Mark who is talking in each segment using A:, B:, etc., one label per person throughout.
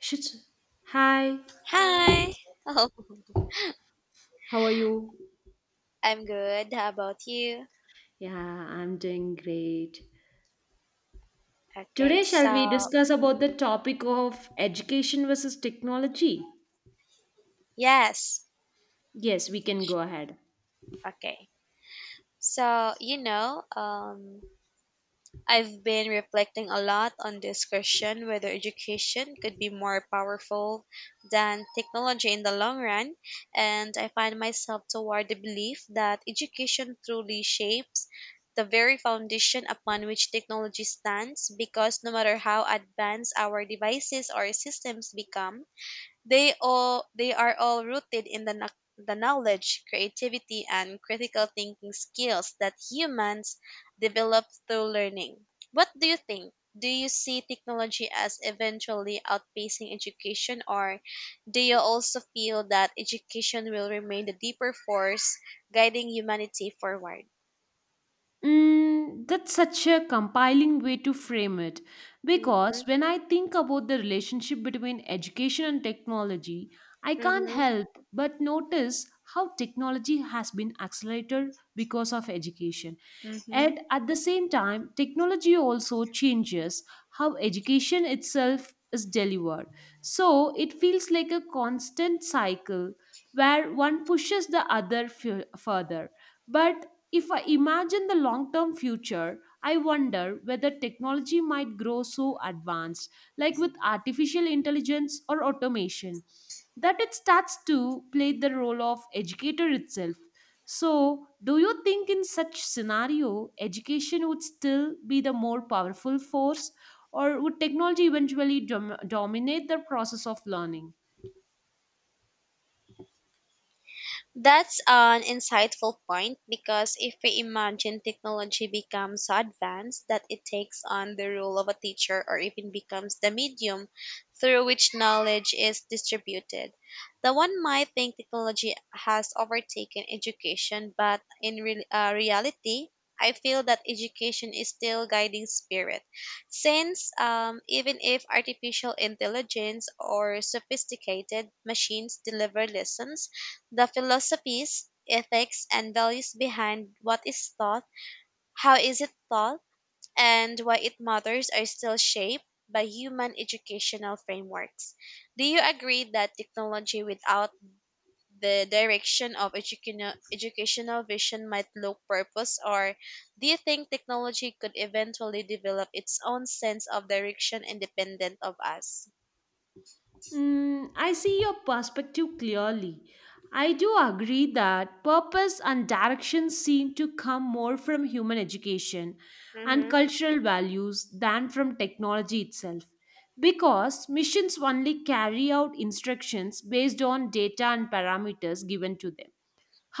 A: Shit. Hi,
B: Hi. Oh,
A: how are you?
B: I'm good. How about you?
A: Yeah, I'm doing great.
B: Okay.
A: Today, shall
B: So,
A: we discuss about the topic of education versus technology?
B: yes.
A: Yes, we can go ahead.
B: Okay. So, I've been reflecting a lot on this question whether education could be more powerful than technology in the long run, and I find myself toward the belief that education truly shapes the very foundation upon which technology stands because no matter how advanced our devices or systems become, they are all rooted in the the knowledge, creativity, and critical thinking skills that humans develop through learning. What do you think? Do you see technology as eventually outpacing education, or do you also feel that education will remain the deeper force guiding humanity forward?
A: That's such a compiling way to frame it
B: Mm-hmm.
A: because when I think about the relationship between education and technology, I can't
B: Mm-hmm.
A: help but notice how technology has been accelerated because of education. And at the same time, technology also changes how education itself is delivered. So it feels like a constant cycle where one pushes the other further. But if I imagine the long term future, I wonder whether technology might grow so advanced, like with artificial intelligence or automation, that it starts to play the role of educator itself. So, do you think in such scenario education would still be the more powerful force, or would technology eventually dominate the process of learning?
B: That's an insightful point because if we imagine technology becomes so advanced that it takes on the role of a teacher or even becomes the medium through which knowledge is distributed, the one might think technology has overtaken education, but in reality, I feel that education is still guiding spirit, since even if artificial intelligence or sophisticated machines deliver lessons, the philosophies, ethics, and values behind what is taught, how is it taught, and why it matters are still shaped by human educational frameworks. Do you agree that technology without the direction of educational vision might look purpose, or do you think technology could eventually develop its own sense of direction independent of us?
A: I see your perspective clearly. I do agree that purpose and direction seem to come more from human education and
B: Mm-hmm.
A: cultural values than from technology itself, because missions only carry out instructions based on data and parameters given to them.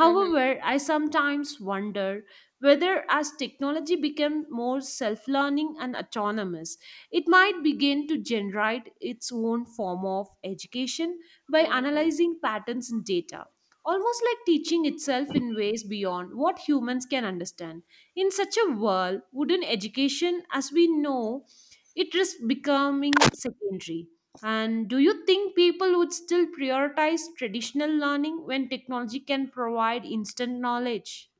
B: Mhm.
A: I sometimes wonder whether, as technology becomes more self learning and autonomous, it might begin to generate its own form of education by analyzing patterns in data, almost like teaching itself in ways beyond what humans can understand. In such a world, wouldn't education, as we know it, is becoming secondary? And do you think people would still prioritize traditional learning when technology can provide instant knowledge?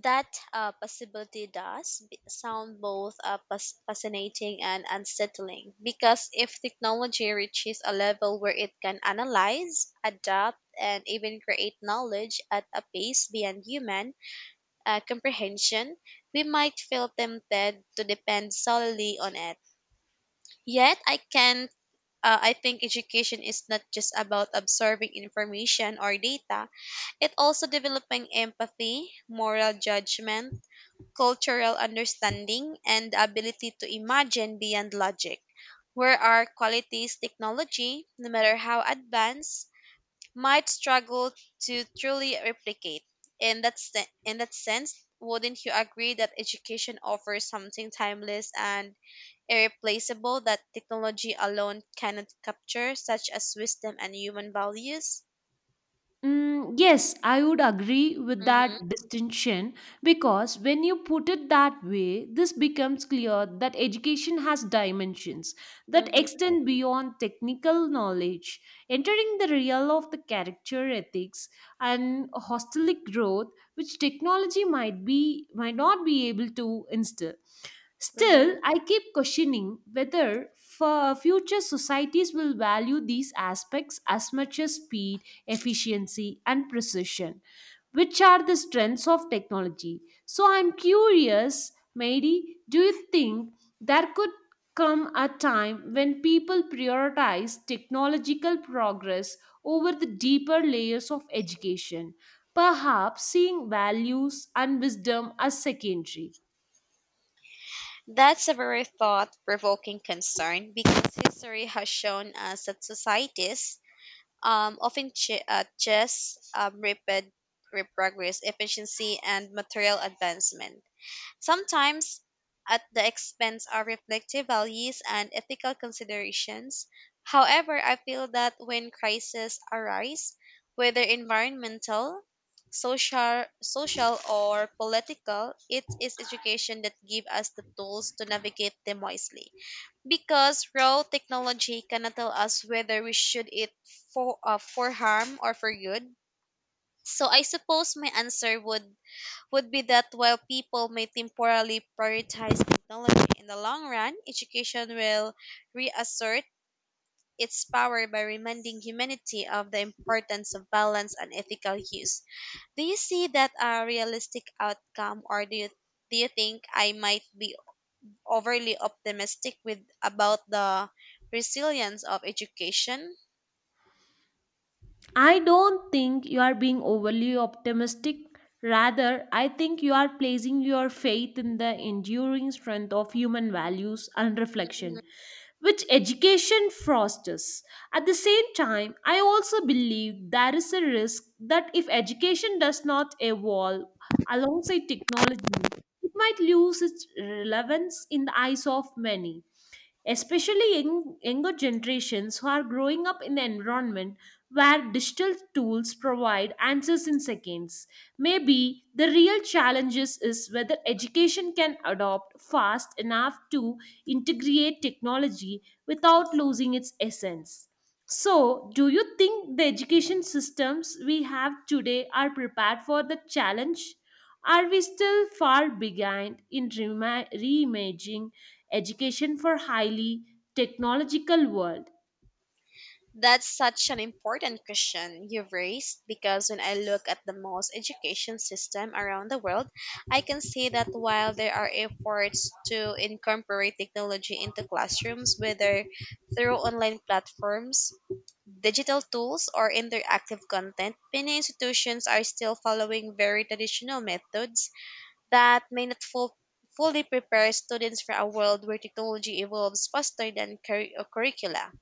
B: That possibility sound both fascinating and unsettling because if technology reaches a level where it can analyze, adapt, and even create knowledge at a pace beyond human comprehension, we might feel tempted to depend solely on it. Yet, I think education is not just about absorbing information or data, it also developing empathy, moral judgment, cultural understanding, and the ability to imagine beyond logic, where our qualities technology, no matter how advanced, might struggle to truly replicate. In that sense, wouldn't you agree that education offers something timeless and irreplaceable that technology alone cannot capture, such as wisdom and human values?
A: Yes, I would agree with
B: Mm-hmm,
A: that distinction, because when you put it that way, this becomes clear that education has dimensions that
B: mm-hmm,
A: extend beyond technical knowledge, entering the realm of the character ethics and hostelic growth, which technology might not be able to instill. Still,
B: mm-hmm.
A: I keep questioning whether for future societies will value these aspects as much as speed, efficiency, and precision, which are the strengths of technology. So I'm curious, Mary, do you think there could come a time when people prioritize technological progress over the deeper layers of education, perhaps seeing values and wisdom as secondary?
B: That's a very thought provoking concern because history has shown us that societies often chase rapid progress, efficiency, and material advancement sometimes at the expense of reflective values and ethical considerations. However, I feel that when crises arise, whether environmental, social or political, it is education that gives us the tools to navigate them wisely. Because raw technology cannot tell us whether we should it for harm or for good. So I suppose my answer would be that while people may temporarily prioritize technology in the long run, education will reassert its power by reminding humanity of the importance of balance and ethical use. Do you see that a realistic outcome, or do you think I might be overly optimistic with about the resilience of education?
A: I don't think you are being overly optimistic. Rather, I think you are placing your faith in the enduring strength of human values and reflection, which education fosters. At the same time, I also believe there is a risk that if education does not evolve alongside technology, it might lose its relevance in the eyes of many, especially younger generations who are growing up in an environment where digital tools provide answers in seconds. Maybe the real challenges is whether education can adopt fast enough to integrate technology without losing its essence. So, do you think the education systems we have today are prepared for the challenge? Are we still far behind in reimagining education for highly technological world?
B: That's such an important question you've raised because when I look at the most education system around the world, I can see that while there are efforts to incorporate technology into classrooms, whether through online platforms, digital tools, or interactive content, many institutions are still following very traditional methods that may not fully prepare students for a world where technology evolves faster than curricula.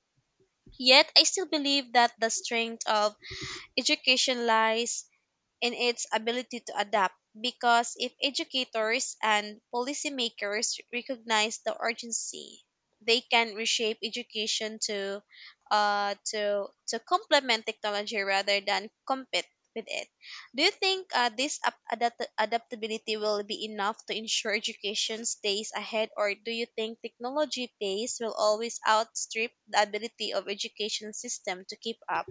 B: Yet I still believe that the strength of education lies in its ability to adapt because if educators and policymakers recognize the urgency, they can reshape education to complement technology rather than compete with it. Do you think this adaptability will be enough to ensure education stays ahead, or do you think technology pace will always outstrip the ability of education system to keep up?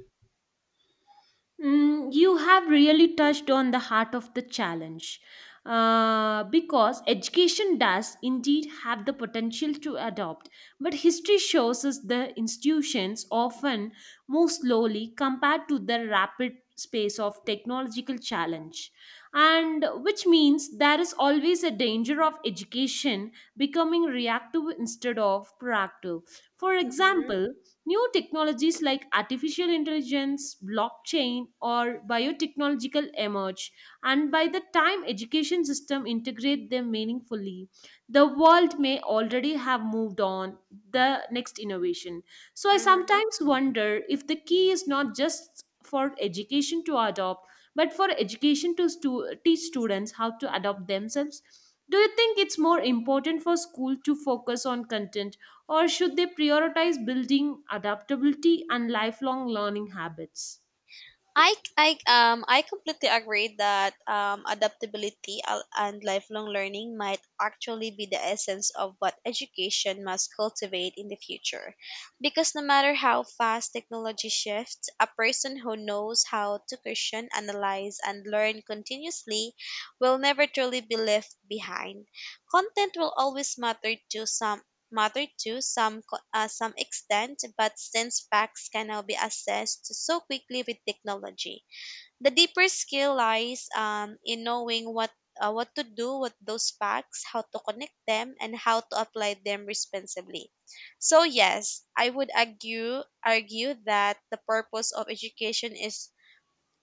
A: You have really touched on the heart of the challenge, because education does indeed have the potential to adopt, but history shows us the institutions often move slowly compared to the rapid space of technological challenge, and which means there is always a danger of education becoming reactive instead of proactive. For example, new technologies like artificial intelligence, blockchain, or biotechnological emerge, and by the time education system integrate them meaningfully, the world may already have moved on the next innovation. So I
B: Mm-hmm.
A: sometimes wonder if the key is not just for education to adopt, but for education to teach students how to adopt themselves. Do you think it's more important for school to focus on content, or should they prioritize building adaptability and lifelong learning habits?
B: I I completely agree that and lifelong learning might actually be the essence of what education must cultivate in the future, because no matter how fast technology shifts, a person who knows how to question, analyze, and learn continuously will never truly be left behind. Content will always matter to some extent, but since facts can now be assessed so quickly with technology, the deeper skill lies in knowing what to do with those facts, how to connect them, and how to apply them responsibly. So yes, I would argue that the purpose of education is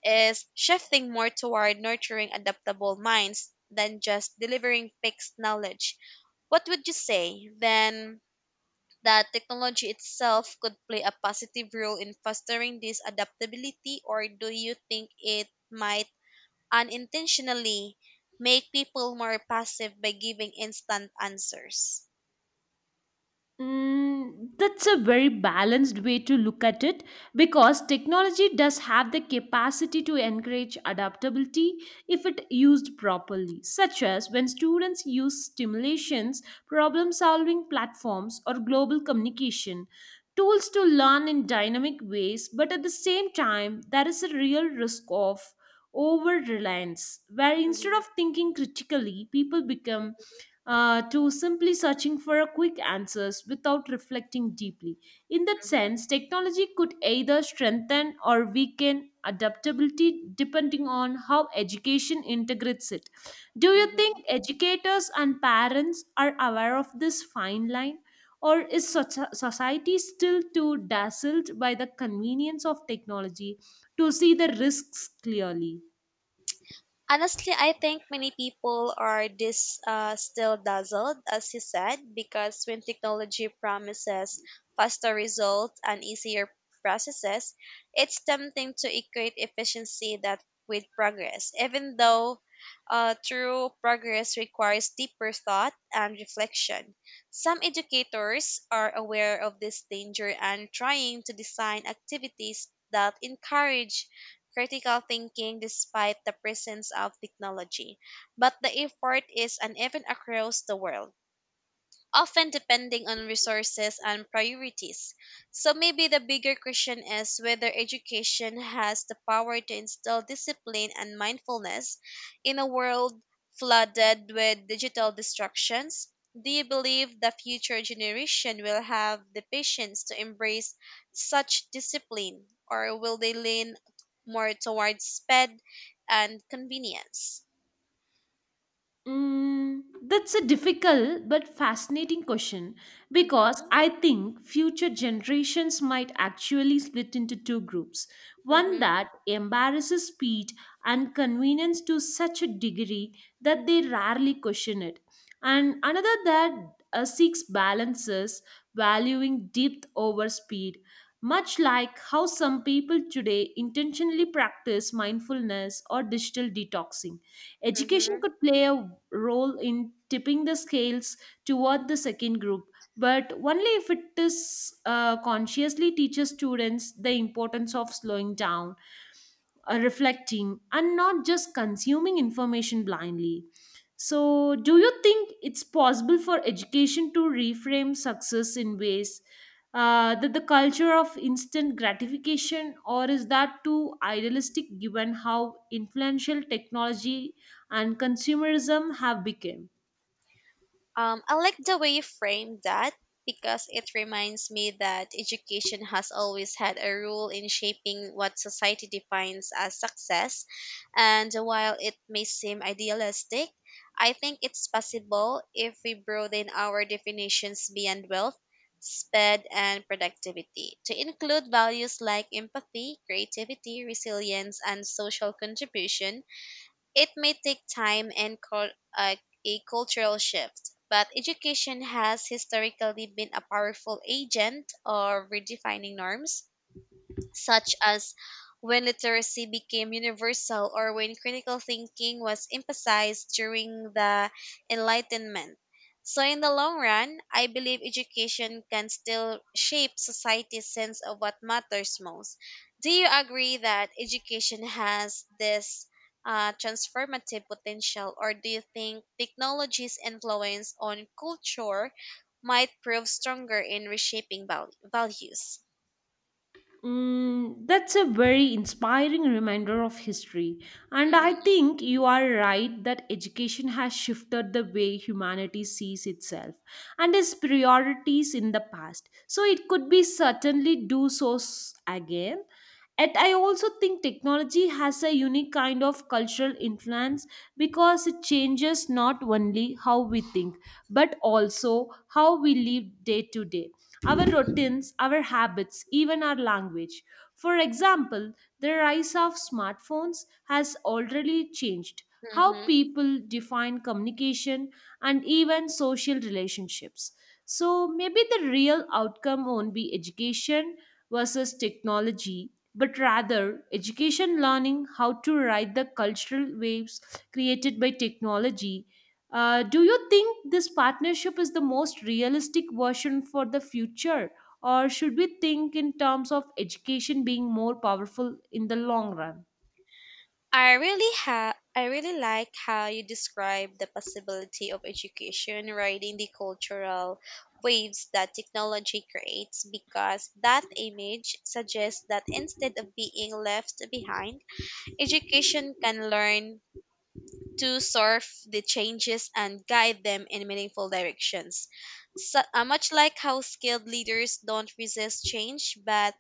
B: is shifting more toward nurturing adaptable minds than just delivering fixed knowledge. What would you say then, that technology itself could play a positive role in fostering this adaptability, or do you think it might unintentionally make people more passive by giving instant answers?
A: That's a very balanced way to look at it, because technology does have the capacity to encourage adaptability if it used properly, such as when students use stimulations, problem solving platforms, or global communication tools to learn in dynamic ways, but at the same time, there is a real risk of over reliance, where instead
B: Mm-hmm.
A: of thinking critically, people become to simply searching for a quick answers without reflecting deeply. In that sense, technology could either strengthen or weaken adaptability depending on how education integrates it. Do you think
B: Mm-hmm.
A: educators and parents are aware of this fine line? Or is society still too dazzled by the convenience of technology to see the risks clearly?
B: Honestly, I think many people are this still dazzled, as you said, because when technology promises faster results and easier processes, it's tempting to equate efficiency that with progress, even though true progress requires deeper thought and reflection. Some educators are aware of this danger and trying to design activities that encourage critical thinking despite the presence of technology. But the effort is uneven across the world, often depending on resources and priorities. So maybe the bigger question is whether education has the power to instill discipline and mindfulness in a world flooded with digital distractions. Do you believe the future generation will have the patience to embrace such discipline, or will they lean more towards speed and convenience?
A: Mm, that's a difficult but fascinating question, because
B: Mm-hmm,
A: I think future generations might actually split into two groups. One
B: mm-hmm,
A: that embarrasses speed and convenience to such a degree that they rarely question it, and another that seeks balances, valuing depth over speed, much like how some people today intentionally practice mindfulness or digital detoxing. Education
B: mm-hmm.
A: could play a role in tipping the scales toward the second group, but only if it is consciously teaches students the importance of slowing down, reflecting, and not just consuming information blindly. So, do you think it's possible for education to reframe success in ways, that the culture of instant gratification, or is that too idealistic given how influential technology and consumerism have become?
B: I like the way you framed that because it reminds me that education has always had a role in shaping what society defines as success. And while it may seem idealistic, I think it's possible if we broaden our definitions beyond wealth, speed, and productivity to include values like empathy, creativity, resilience, and social contribution. It may take time and a cultural shift, but education has historically been a powerful agent of redefining norms, such as when literacy became universal or when critical thinking was emphasized during the Enlightenment. So, in the long run, I believe education can still shape society's sense of what matters most. Do you agree that education has this transformative potential, or do you think technology's influence on culture might prove stronger in reshaping values?
A: That's a very inspiring reminder of history. And I
B: Mhm.
A: think you are right that education has shifted the way humanity sees itself and its priorities in the past, so it could be certainly do so again. And I also think technology has a unique kind of cultural influence, because it changes not only how we think but also how we live day to day, our routines, our habits, even our language. For example, the rise of smartphones has already changed how
B: Hmm.
A: people define communication and even social relationships. So maybe the real outcome won't be education versus technology, but rather education learning how to ride the cultural waves created by technology. Do you think this partnership is the most realistic version for the future, or should we think in terms of education being more powerful in the long run?
B: I really like how you describe the possibility of education riding the cultural waves that technology creates because that image suggests that instead of being left behind, education can learn to surf the changes and guide them in meaningful directions. So, much like how skilled leaders don't resist change but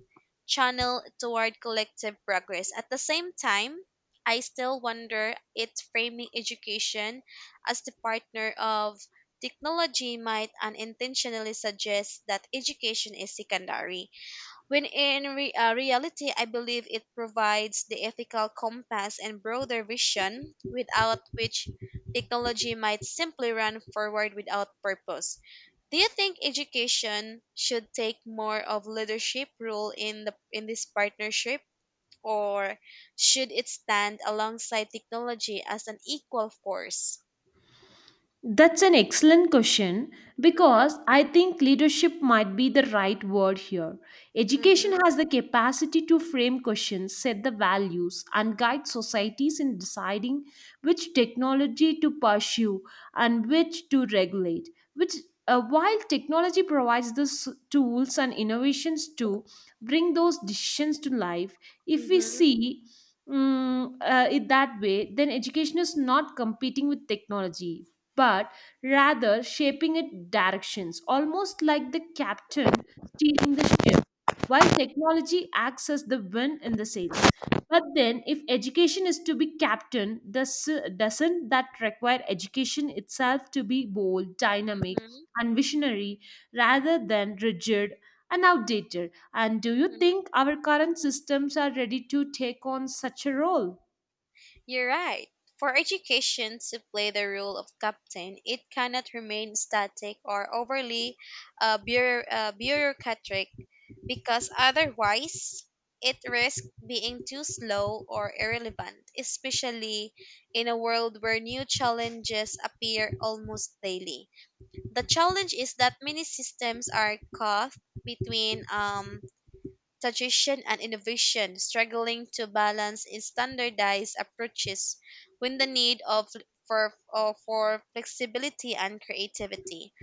B: channel toward collective progress. At the same time, I still wonder if framing education as the partner of technology might unintentionally suggest that education is secondary when in reality, I believe it provides the ethical compass and broader vision without which technology might simply run forward without purpose. Do you think education should take more of leadership role in this partnership, or should it stand alongside technology as an equal force?
A: That's an excellent question, because
B: Mhm.
A: I think leadership might be the right word here. Education
B: Mhm.
A: has the capacity to frame questions, set the values, and guide societies in deciding which technology to pursue and which to regulate. Which, while technology provides the tools and innovations to bring those decisions to life, if we
B: Mhm.
A: see it that way, then education is not competing with technology but rather shaping its directions, almost like the captain steering the ship, while technology acts as the wind in the sails. But then, if education is to be captain, doesn't that require education itself to be bold, dynamic,
B: Mhm.
A: and visionary rather than rigid and outdated? And do you
B: Mhm.
A: think our current systems are ready to take on such a role?
B: You're right. For education to play the role of captain, it cannot remain static or overly bureaucratic because otherwise it risks being too slow or irrelevant, especially in a world where new challenges appear almost daily. The challenge is that many systems are caught between suggestion and innovation, struggling to balance in standardized approaches with the need for flexibility and creativity.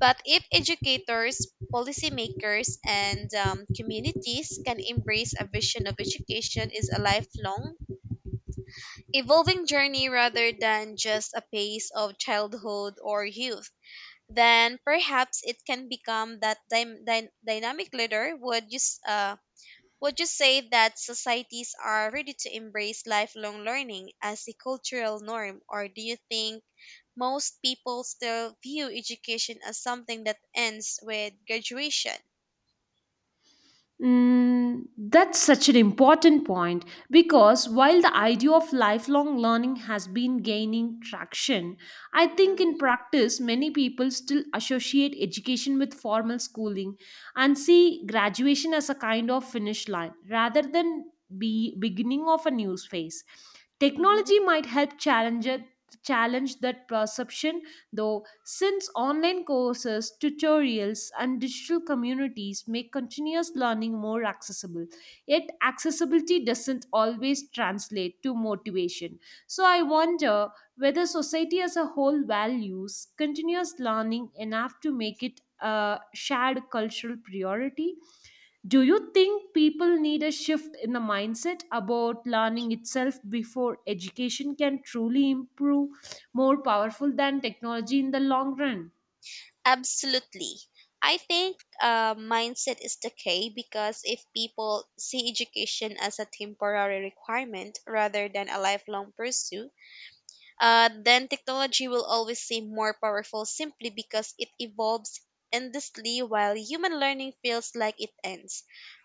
B: But if educators, policymakers, and communities can embrace a vision of education is a lifelong, evolving journey rather than just a phase of childhood or youth, then perhaps it can become that dynamic leader would use. Would you say that societies are ready to embrace lifelong learning as a cultural norm, or do you think most people still view education as something that ends with graduation?
A: That's such an important point, because while the idea of lifelong learning has been gaining traction, I think
B: Mhm.
A: in practice many people still associate education with formal schooling and see graduation as a kind of finish line rather than be beginning of a new phase.
B: Mhm.
A: Technology might help challenge that perception though, since online courses, tutorials, and digital communities make continuous learning more accessible, yet accessibility doesn't always translate to motivation. So, I wonder whether society as a whole values continuous learning enough to make it a shared cultural priority. Do you think people need a shift in the mindset about learning itself before education can truly improve more powerful than technology in the long run?
B: Absolutely. I think mindset is the key because if people see education as a temporary requirement rather than a lifelong pursuit, then technology will always seem more powerful simply because it evolves endlessly while human learning feels like it ends.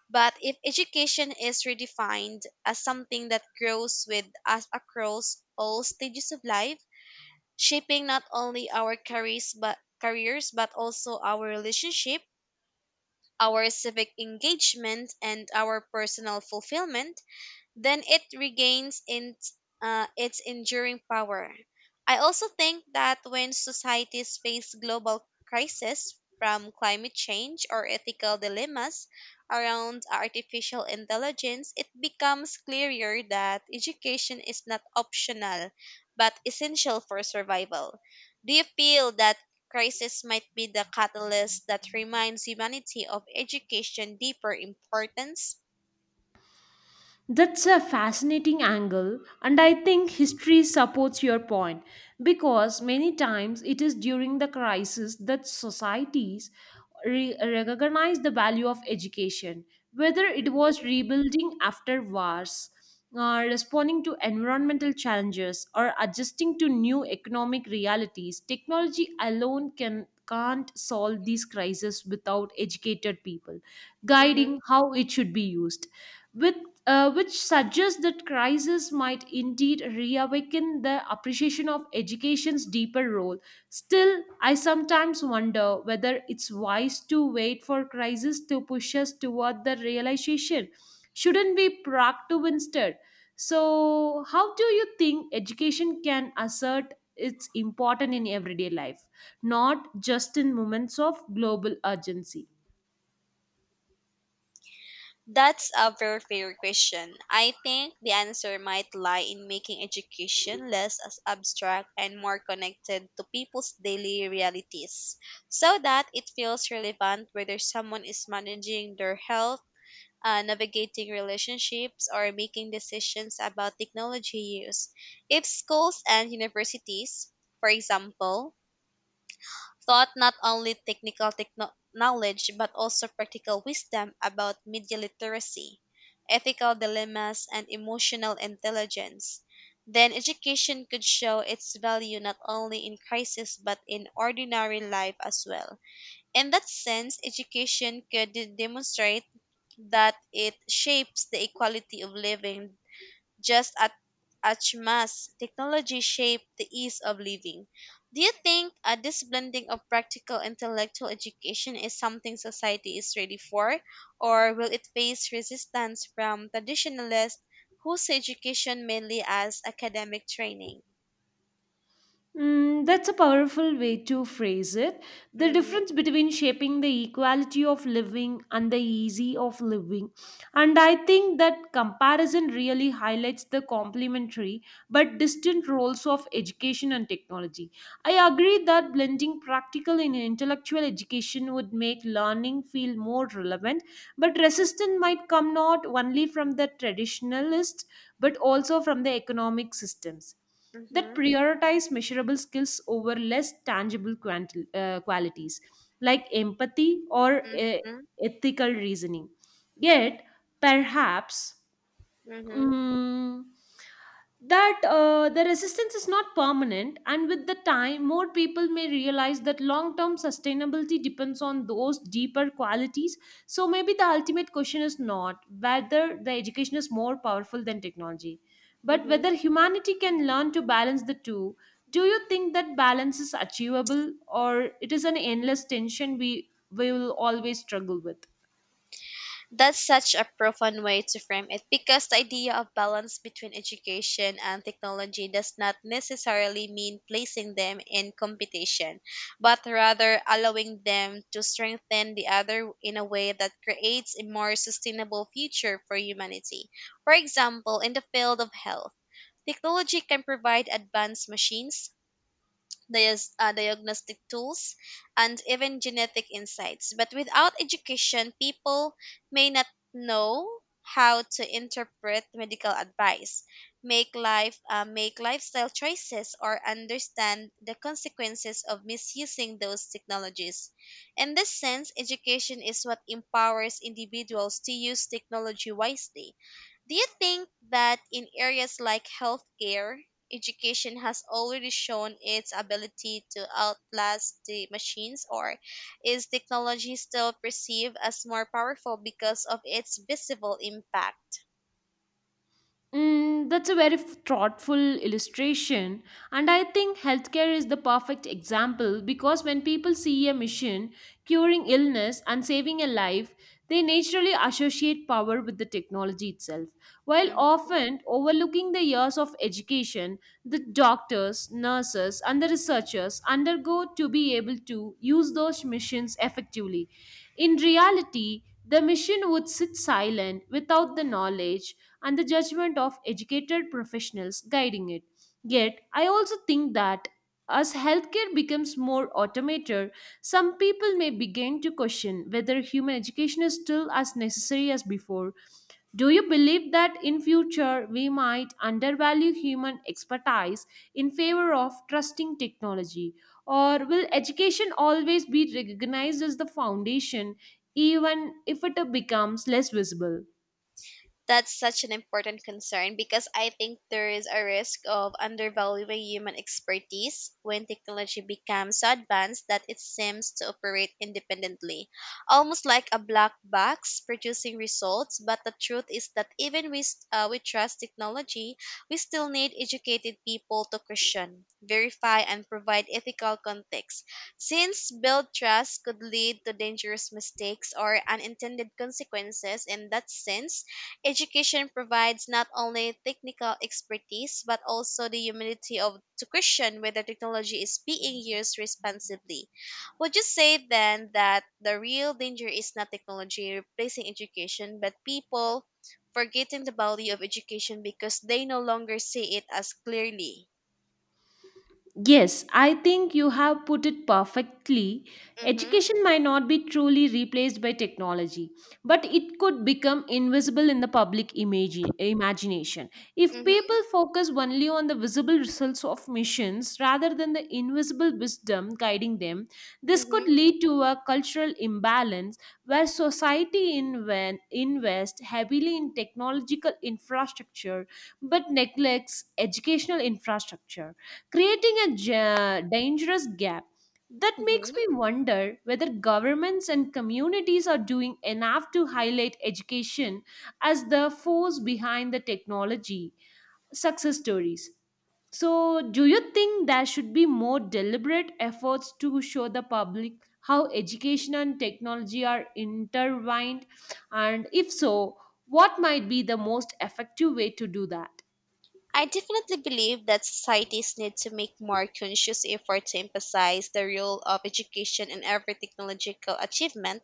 B: But if education is redefined as something that grows with us across all stages of life, shaping not only our careers but also our relationship, our civic engagement and our personal fulfillment, then it regains its enduring power. I also think that when societies face global crises from climate change or ethical dilemmas around artificial intelligence, it becomes clearer that education is not optional but essential for survival. Do you feel that crisis might be the catalyst that reminds humanity of education deeper importance?
A: That's a fascinating angle, and I think history supports your point, because many times it is during the crisis that societies recognize the value of education, whether it was
B: Hmm.
A: rebuilding after wars, responding to environmental challenges, or adjusting to new economic realities. Technology alone can't solve these crises without educated people guiding how it should be used with, which suggests that crisis might indeed reawaken the appreciation of education's deeper role. Still, I sometimes wonder whether it's wise to wait for crisis to push us toward the realization. Shouldn't we proactive instead? So, how do you think education can assert its importance in everyday life, not just in moments of global urgency?
B: That's a very fair question. I think the answer might lie in making education less as abstract and more connected to people's daily realities so that it feels relevant whether someone is managing their health, navigating relationships, or making decisions about technology use. If schools and universities, for example, taught not only technical knowledge but also practical wisdom about media literacy, ethical dilemmas, and emotional intelligence. Then education could show its value not only in crisis but in ordinary life as well. In that sense, education could demonstrate that it shapes the equality of living just at, as much technology shaped the ease of living. Do you think this blending of practical intellectual education is something society is ready for, or will it face resistance from traditionalists who see education mainly as academic training?
A: That's a powerful way to phrase it. The
B: Mm-hmm.
A: difference between shaping the equality of living and the easy of living. And I think that comparison really highlights the complementary but distant roles of education and technology. I agree that blending practical and intellectual education would make learning feel more relevant, but resistance might come not only from the traditionalists but also from the economic systems that
B: Mm-hmm.
A: prioritize measurable skills over less tangible qualities like empathy or ethical reasoning. Yet, perhaps
B: Mm-hmm.
A: Mm, that the resistance is not permanent, and with the time, more people may realize that long term sustainability depends on those deeper qualities. So, maybe the ultimate question is not whether the education is more powerful than technology, but
B: Mm-hmm.
A: whether humanity can learn to balance the two. Do you think that balance is achievable, or it is an endless tension we will always struggle with?
B: That's such a profound way to frame it because the idea of balance between education and technology does not necessarily mean placing them in competition, but rather allowing them to strengthen the other in a way that creates a more sustainable future for humanity. For example, in the field of health, technology can provide advanced machines, diagnostic tools, and even genetic insights. But without education, people may not know how to interpret medical advice, make lifestyle choices, or understand the consequences of misusing those technologies. In this sense, education is what empowers individuals to use technology wisely. Do you think that in areas like healthcare, education has already shown its ability to outlast the machines, or is technology still perceived as more powerful because of its visible impact?
A: That's a very thoughtful illustration. And I think healthcare is the perfect example, because when people see a mission, curing illness, and saving a life, they naturally associate power with the technology itself, while often overlooking the years of education the doctors, nurses, and the researchers undergo to be able to use those missions effectively. In reality, the machine would sit silent without the knowledge and the judgment of educated professionals guiding it. Yet, I also think that as healthcare becomes more automated, some people may begin to question whether human education is still as necessary as before. Do you believe that in future we might undervalue human expertise in favor of trusting technology, or will education always be recognized as the foundation even if it becomes less visible?
B: That's such an important concern because I think there is a risk of undervaluing human expertise when technology becomes so advanced that it seems to operate independently, almost like a black box producing results. But the truth is that even with we trust technology, we still need educated people to question, verify, and provide ethical context. Since build trust could lead to dangerous mistakes or unintended consequences in that sense, education provides not only technical expertise but also the humility of to question whether technology is being used responsibly. Would you say then that the real danger is not technology replacing education but people forgetting the value of education because they no longer see it as clearly?
A: Yes, I think you have put it perfectly.
B: Mhm.
A: Education might not be truly replaced by technology, but it could become invisible in the public imagination. If people
B: Mhm.
A: focus only on the visible results of missions rather than the invisible wisdom guiding them, this could
B: Mhm.
A: lead to a cultural imbalance where society invests heavily in technological infrastructure but neglects educational infrastructure, creating a dangerous gap. That makes
B: Mhm.
A: me wonder whether governments and communities are doing enough to highlight education as the force behind the technology success stories. So, do you think there should be more deliberate efforts to show the public how education and technology are intertwined? And if so, what might be the most effective way to do that?
B: I definitely believe that societies need to make more conscious effort to emphasize the role of education in every technological achievement,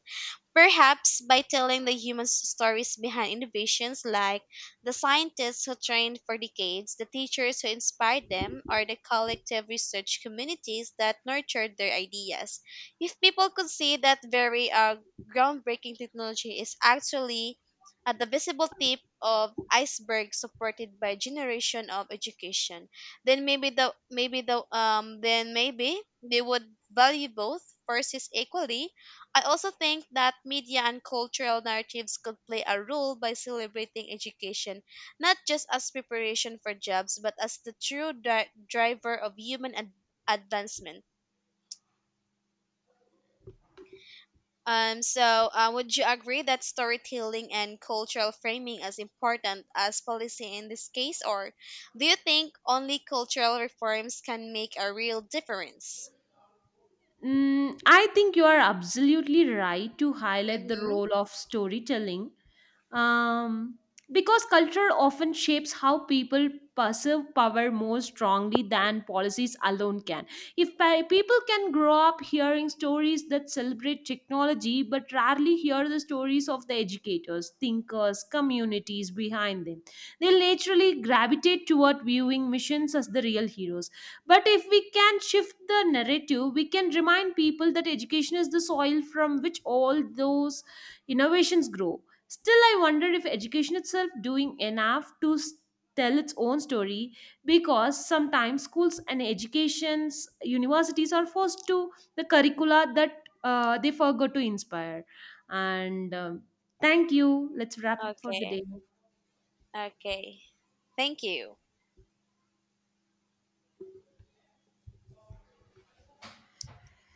B: perhaps by telling the human stories behind innovations, like the scientists who trained for decades, the teachers who inspired them, or the collective research communities that nurtured their ideas. If people could see that very groundbreaking technology is actually at the visible tip of iceberg supported by generation of education, then maybe the then maybe they would value both forces equally. I also think that media and cultural narratives could play a role by celebrating education, not just as preparation for jobs, but as the true driver of human advancement. So, would you agree that storytelling and cultural framing as important as policy in this case, or do you think only cultural reforms can make a real difference?
A: I think you are absolutely right to highlight the
B: Mm-hmm.
A: role of storytelling, um, because culture often shapes how people perceive power more strongly than policies alone can. If people can grow up hearing stories that celebrate technology but rarely hear the stories of the educators, thinkers, communities behind them, they'll naturally gravitate toward viewing missions as the real heroes. But if we can shift the narrative, we can remind people that education is the soil from which all those innovations grow. Still, I wonder if education itself doing enough to tell its own story, because sometimes schools and educations universities are forced to the curricula that they forgot to inspire and thank you, let's wrap up for the day.
B: Okay. Okay. Thank you.